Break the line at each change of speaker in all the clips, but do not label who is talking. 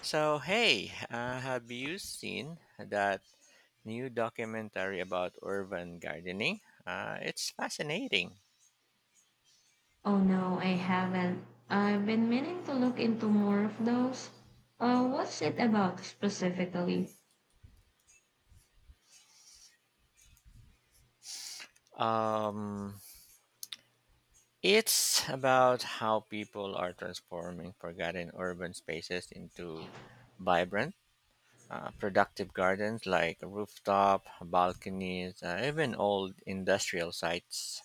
So, hey, have you seen that new documentary about urban gardening? It's fascinating.
Oh no, I haven't. I've been meaning to look into more of those. What's it about specifically?
Um, it's about how people are transforming forgotten urban spaces into vibrant, productive gardens like rooftop, balconies, even old industrial sites.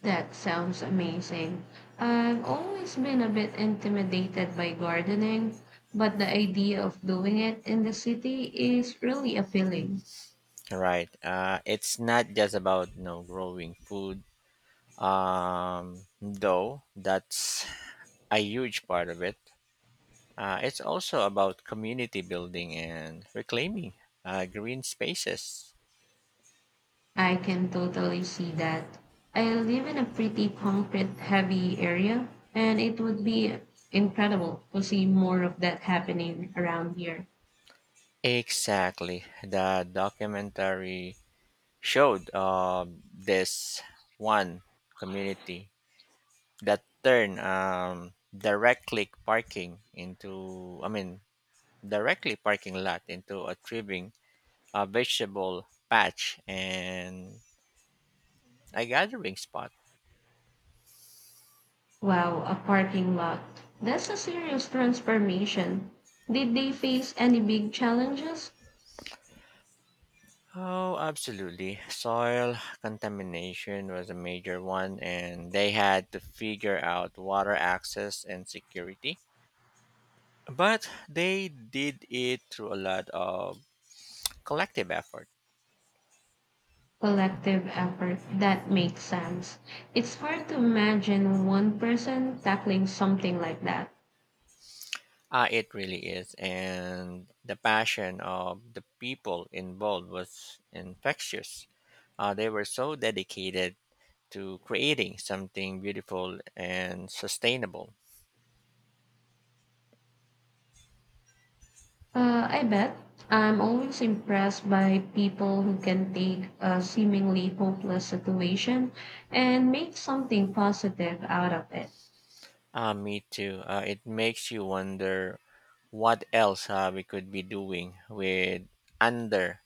That sounds amazing. I've always been a bit intimidated by gardening, but the idea of doing it in the city is really appealing.
Right. It's not just about growing food though that's a huge part of it. It's also about community building and reclaiming green spaces.
I can totally see that. I live in a pretty concrete heavy area, and it would be incredible to see more of that happening around here.
Exactly. The documentary showed this one community that turned directly parking lot into a thriving vegetable patch and a gathering spot.
Wow, a parking lot. That's a serious transformation. Did they face any big challenges?
Oh, absolutely. Soil contamination was a major one, and they had to figure out water access and security. But they did it through a lot of collective effort.
Collective effort. That makes sense. It's hard to imagine one person tackling something like that.
It really is. And the passion of the people involved was infectious. They were so dedicated to creating something beautiful and sustainable.
I bet. I'm always impressed by people who can take a seemingly hopeless situation and make something positive out of it.
Me too. It makes you wonder what else we could be doing with under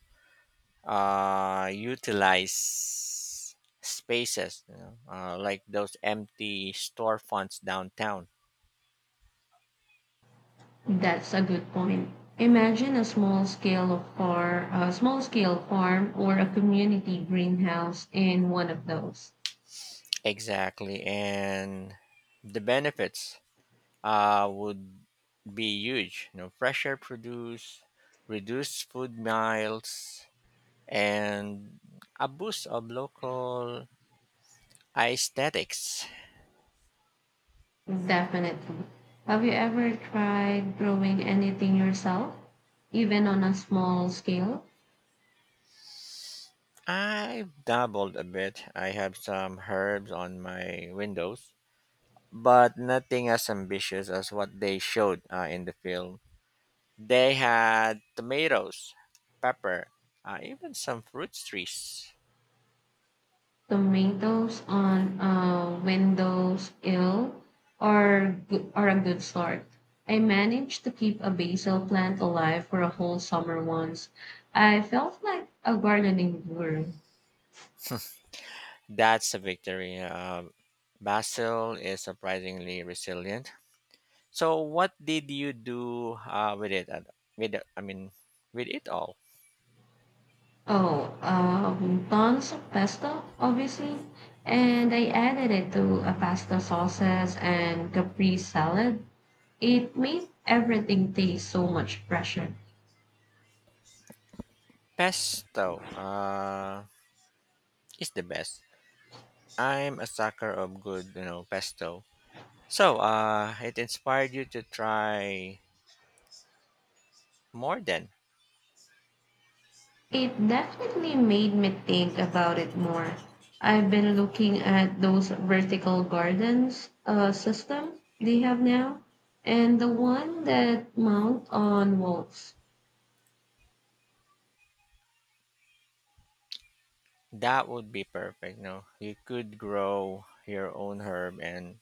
utilized spaces, you know, like those empty storefronts downtown.
That's a good point. Imagine a small scale farm or a community greenhouse in one of those.
Exactly, and the benefits would be huge. You know, fresher produce, reduced food miles, and a boost of local aesthetics.
Definitely. Have you ever tried growing anything yourself, even on a small scale?
I've dabbled a bit. I have some herbs on my windows, but nothing as ambitious as what they showed in the film. They had tomatoes, pepper, even some fruit trees.
Tomatoes on a windowsill are a good start. I managed to keep a basil plant alive for a whole summer once. I felt like a gardening guru.
That's a victory. Basil is surprisingly resilient. So, what did you do with it? With the- I mean, with it all?
Oh, Tons of pesto, obviously. And I added it to a pasta sauces and capri salad. It made everything taste so much fresher.
Pesto is the best. I'm a sucker of good, you know, pesto. So, it inspired you to try more then.
It definitely made me think about it more. I've been looking at those vertical gardens system they have now, and the one that mount on walls.
That would be perfect. No, you could grow your own herb and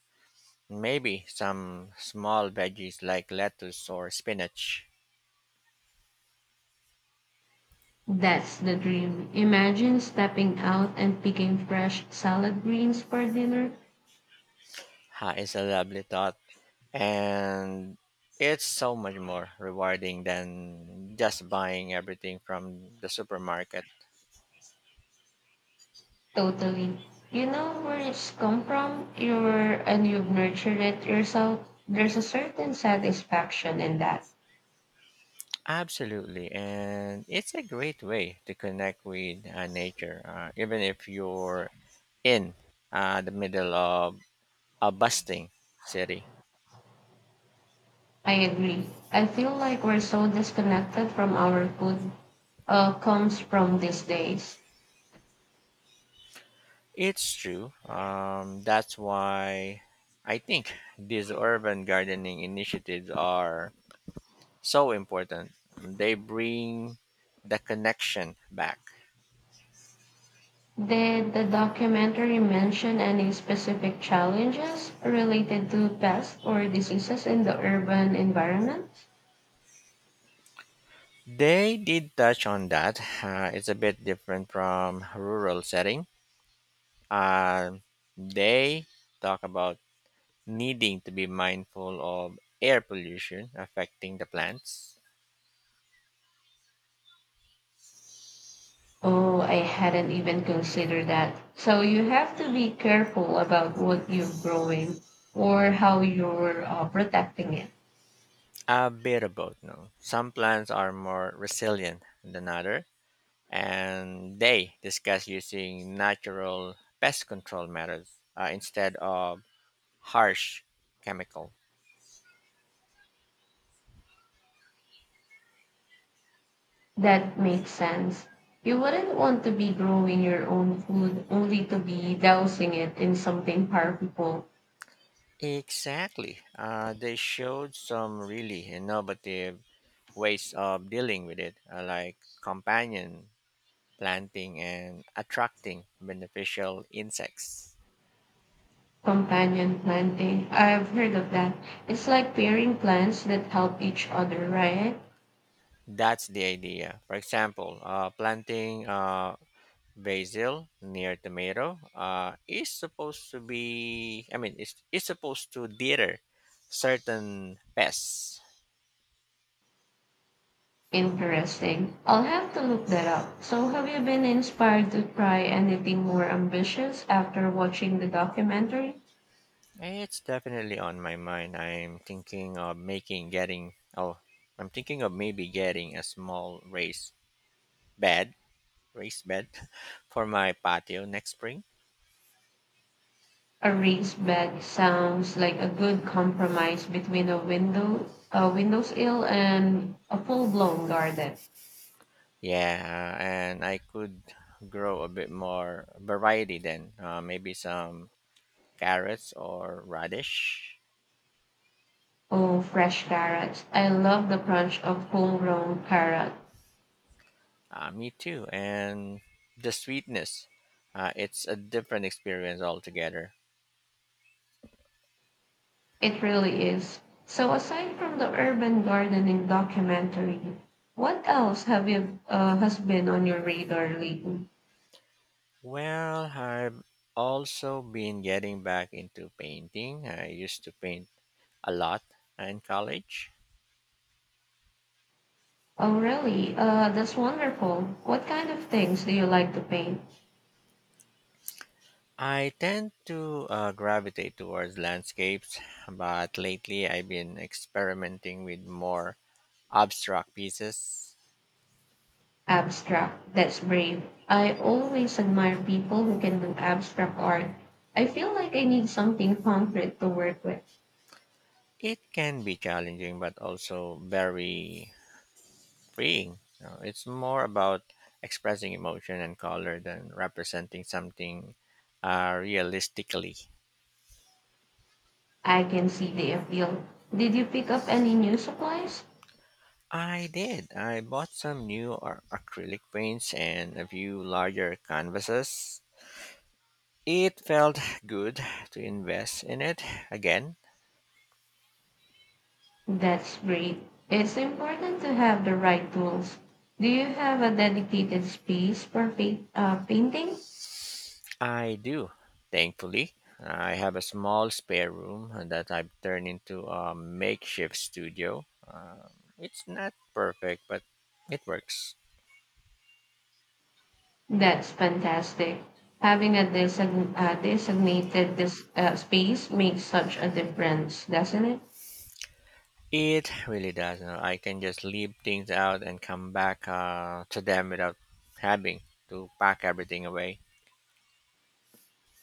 maybe some small veggies like lettuce or spinach.
That's the dream. Imagine stepping out and picking fresh salad greens for dinner.
Ha, it's a lovely thought, and it's so much more rewarding than just buying everything from the supermarket.
Totally. You know where it's come from? You're, and you've nurtured it yourself. There's a certain satisfaction in that.
Absolutely, and it's a great way to connect with nature, even if you're in the middle of a bustling city.
I agree. I feel like we're so disconnected from our food comes from these days.
It's true. That's why I think these urban gardening initiatives are so important. They bring the connection back.
Did the documentary mention any specific challenges related to pests or diseases in the urban environment?
They did touch on that. It's a bit different from rural setting. Uh, they talk about needing to be mindful of air pollution affecting the plants.
Oh, I hadn't even considered that. So you have to be careful about what you're growing or how you're protecting it.
A bit of both, no. Some plants are more resilient than other, and they discuss using natural pest control methods instead of harsh chemical.
That makes sense. You wouldn't want to be growing your own food only to be dousing it in something powerful.
Exactly. They showed some really innovative ways of dealing with it, like companion planting and attracting beneficial insects.
Companion planting. I've heard of that. It's like pairing plants that help each other, right?
That's the idea. For example, planting basil near tomato is supposed to be I mean it's supposed to deter certain pests.
Interesting. I'll have to look that up. So, have you been inspired to try anything more ambitious after watching the documentary?
It's definitely on my mind. I'm thinking of maybe getting a small bed raised bed for my patio next spring.
A raised bed sounds like a good compromise between a windowsill, and a full-blown garden.
Yeah, and I could grow a bit more variety then, maybe some carrots or radish.
Oh, fresh carrots! I love the crunch of homegrown carrot.
Me too. And the sweetness, it's a different experience altogether.
It really is. So, aside from the urban gardening documentary, what else have you has been on your radar lately?
Well, I've also been getting back into painting. I used to paint a lot in college.
Oh, really? That's wonderful. What kind of things do you like to paint?
I tend to gravitate towards landscapes, but lately I've been experimenting with more abstract pieces.
Abstract. That's brave. I always admire people who can do abstract art. I feel like I need something concrete to work with.
It can be challenging, but also very freeing. You know, it's more about expressing emotion and color than representing something realistically.
I can see the appeal. Did you pick up any new supplies?
I did. I bought some new acrylic paints and a few larger canvases. It felt good to invest in it again.
That's great. It's important to have the right tools. Do you have a dedicated space for painting?
I do, thankfully. I have a small spare room that I've turned into a makeshift studio. It's not perfect, but it works.
That's fantastic. Having a designated space makes such a difference, doesn't it?
It really does. You know, I can just leave things out and come back to them without having to pack everything away.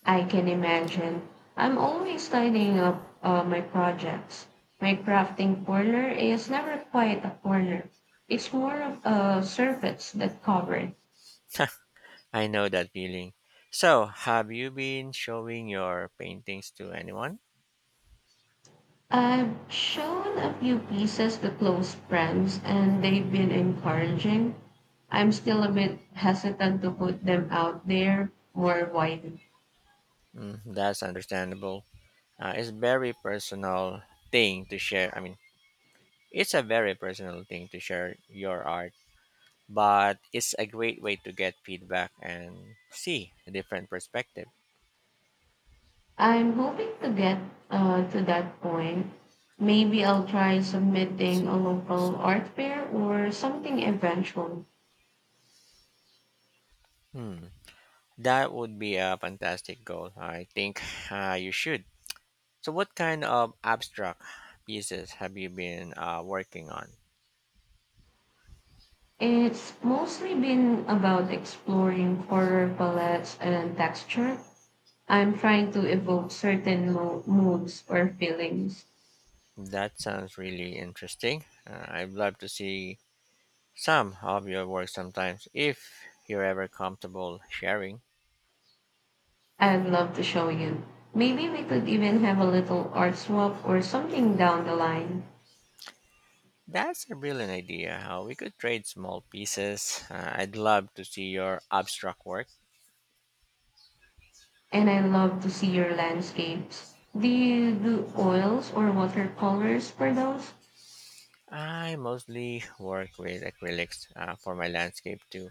I can imagine. I'm always tidying up my projects. My crafting corner is never quite a corner. It's more of a surface that covered.
I know that feeling. So, have you been showing your paintings to anyone?
I've shown a few pieces to close friends, and they've been encouraging. I'm still a bit hesitant to put them out there more widely.
Mm, that's understandable. It's very personal thing to share. I mean, It's a very personal thing to share your art, but it's a great way to get feedback and see a different perspective.
I'm hoping to get to that point. Maybe I'll try submitting a local art fair or something eventually.
Hmm. That would be a fantastic goal. I think you should. So, what kind of abstract pieces have you been working on?
It's mostly been about exploring color palettes and texture. I'm trying to evoke moods or feelings.
That sounds really interesting. I'd love to see some of your work sometimes if you're ever comfortable sharing.
I'd love to show you. Maybe we could even have a little art swap or something down the line.
That's a brilliant idea. How we could trade small pieces. I'd love to see your abstract work.
And I love to see your landscapes. Do you do oils or watercolors for those?
I mostly work with acrylics for my landscape too,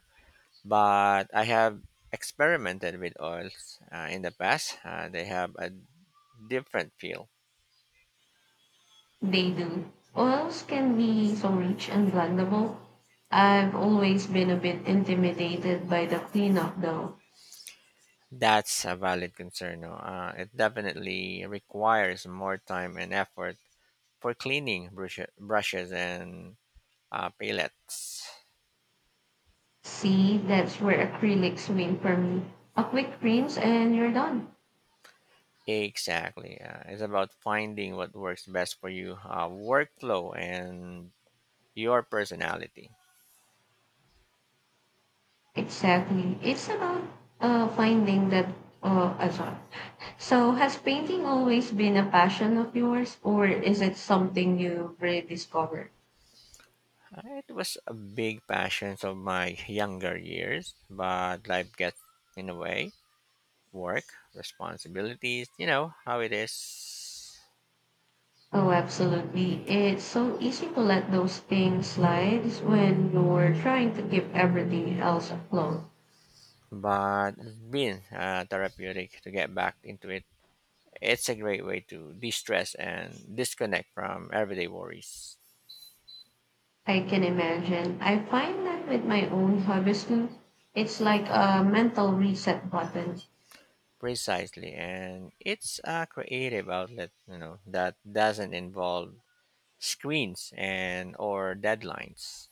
but I have experimented with oils in the past. They have a different feel.
They do. Oils can be so rich and blendable. I've always been a bit intimidated by the cleanup though.
That's a valid concern. No? It definitely requires more time and effort for cleaning brushes and palettes.
See, that's where acrylics win for me. A quick rinse and you're done.
Exactly. It's about finding what works best for you, workflow, and your personality.
Exactly. It's about finding that. I'm sorry. So, has painting always been a passion of yours, or is it something you rediscovered?
It was a big passion of my younger years, but life gets in the way. Work, responsibilities, you know how it is.
Oh, absolutely. It's so easy to let those things slide when you're trying to keep everything else afloat.
But it's been therapeutic to get back into it. It's a great way to de stress and disconnect from everyday worries.
I can imagine. I find that with my own hobbies too, it's like a mental reset button.
Precisely. And it's a creative outlet, you know, that doesn't involve screens and or deadlines.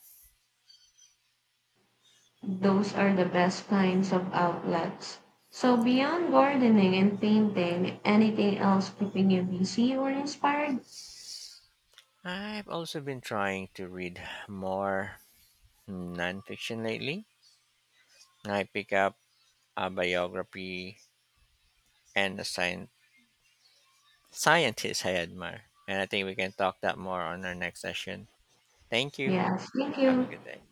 Those are the best kinds of outlets. So beyond gardening and painting, anything else keeping you busy or inspired?
I've also been trying to read more nonfiction lately. I pick up a biography and a science scientists I admire. And I think we can talk that more on our next session. Thank you.
Yes, thank
Have a
you.
good day.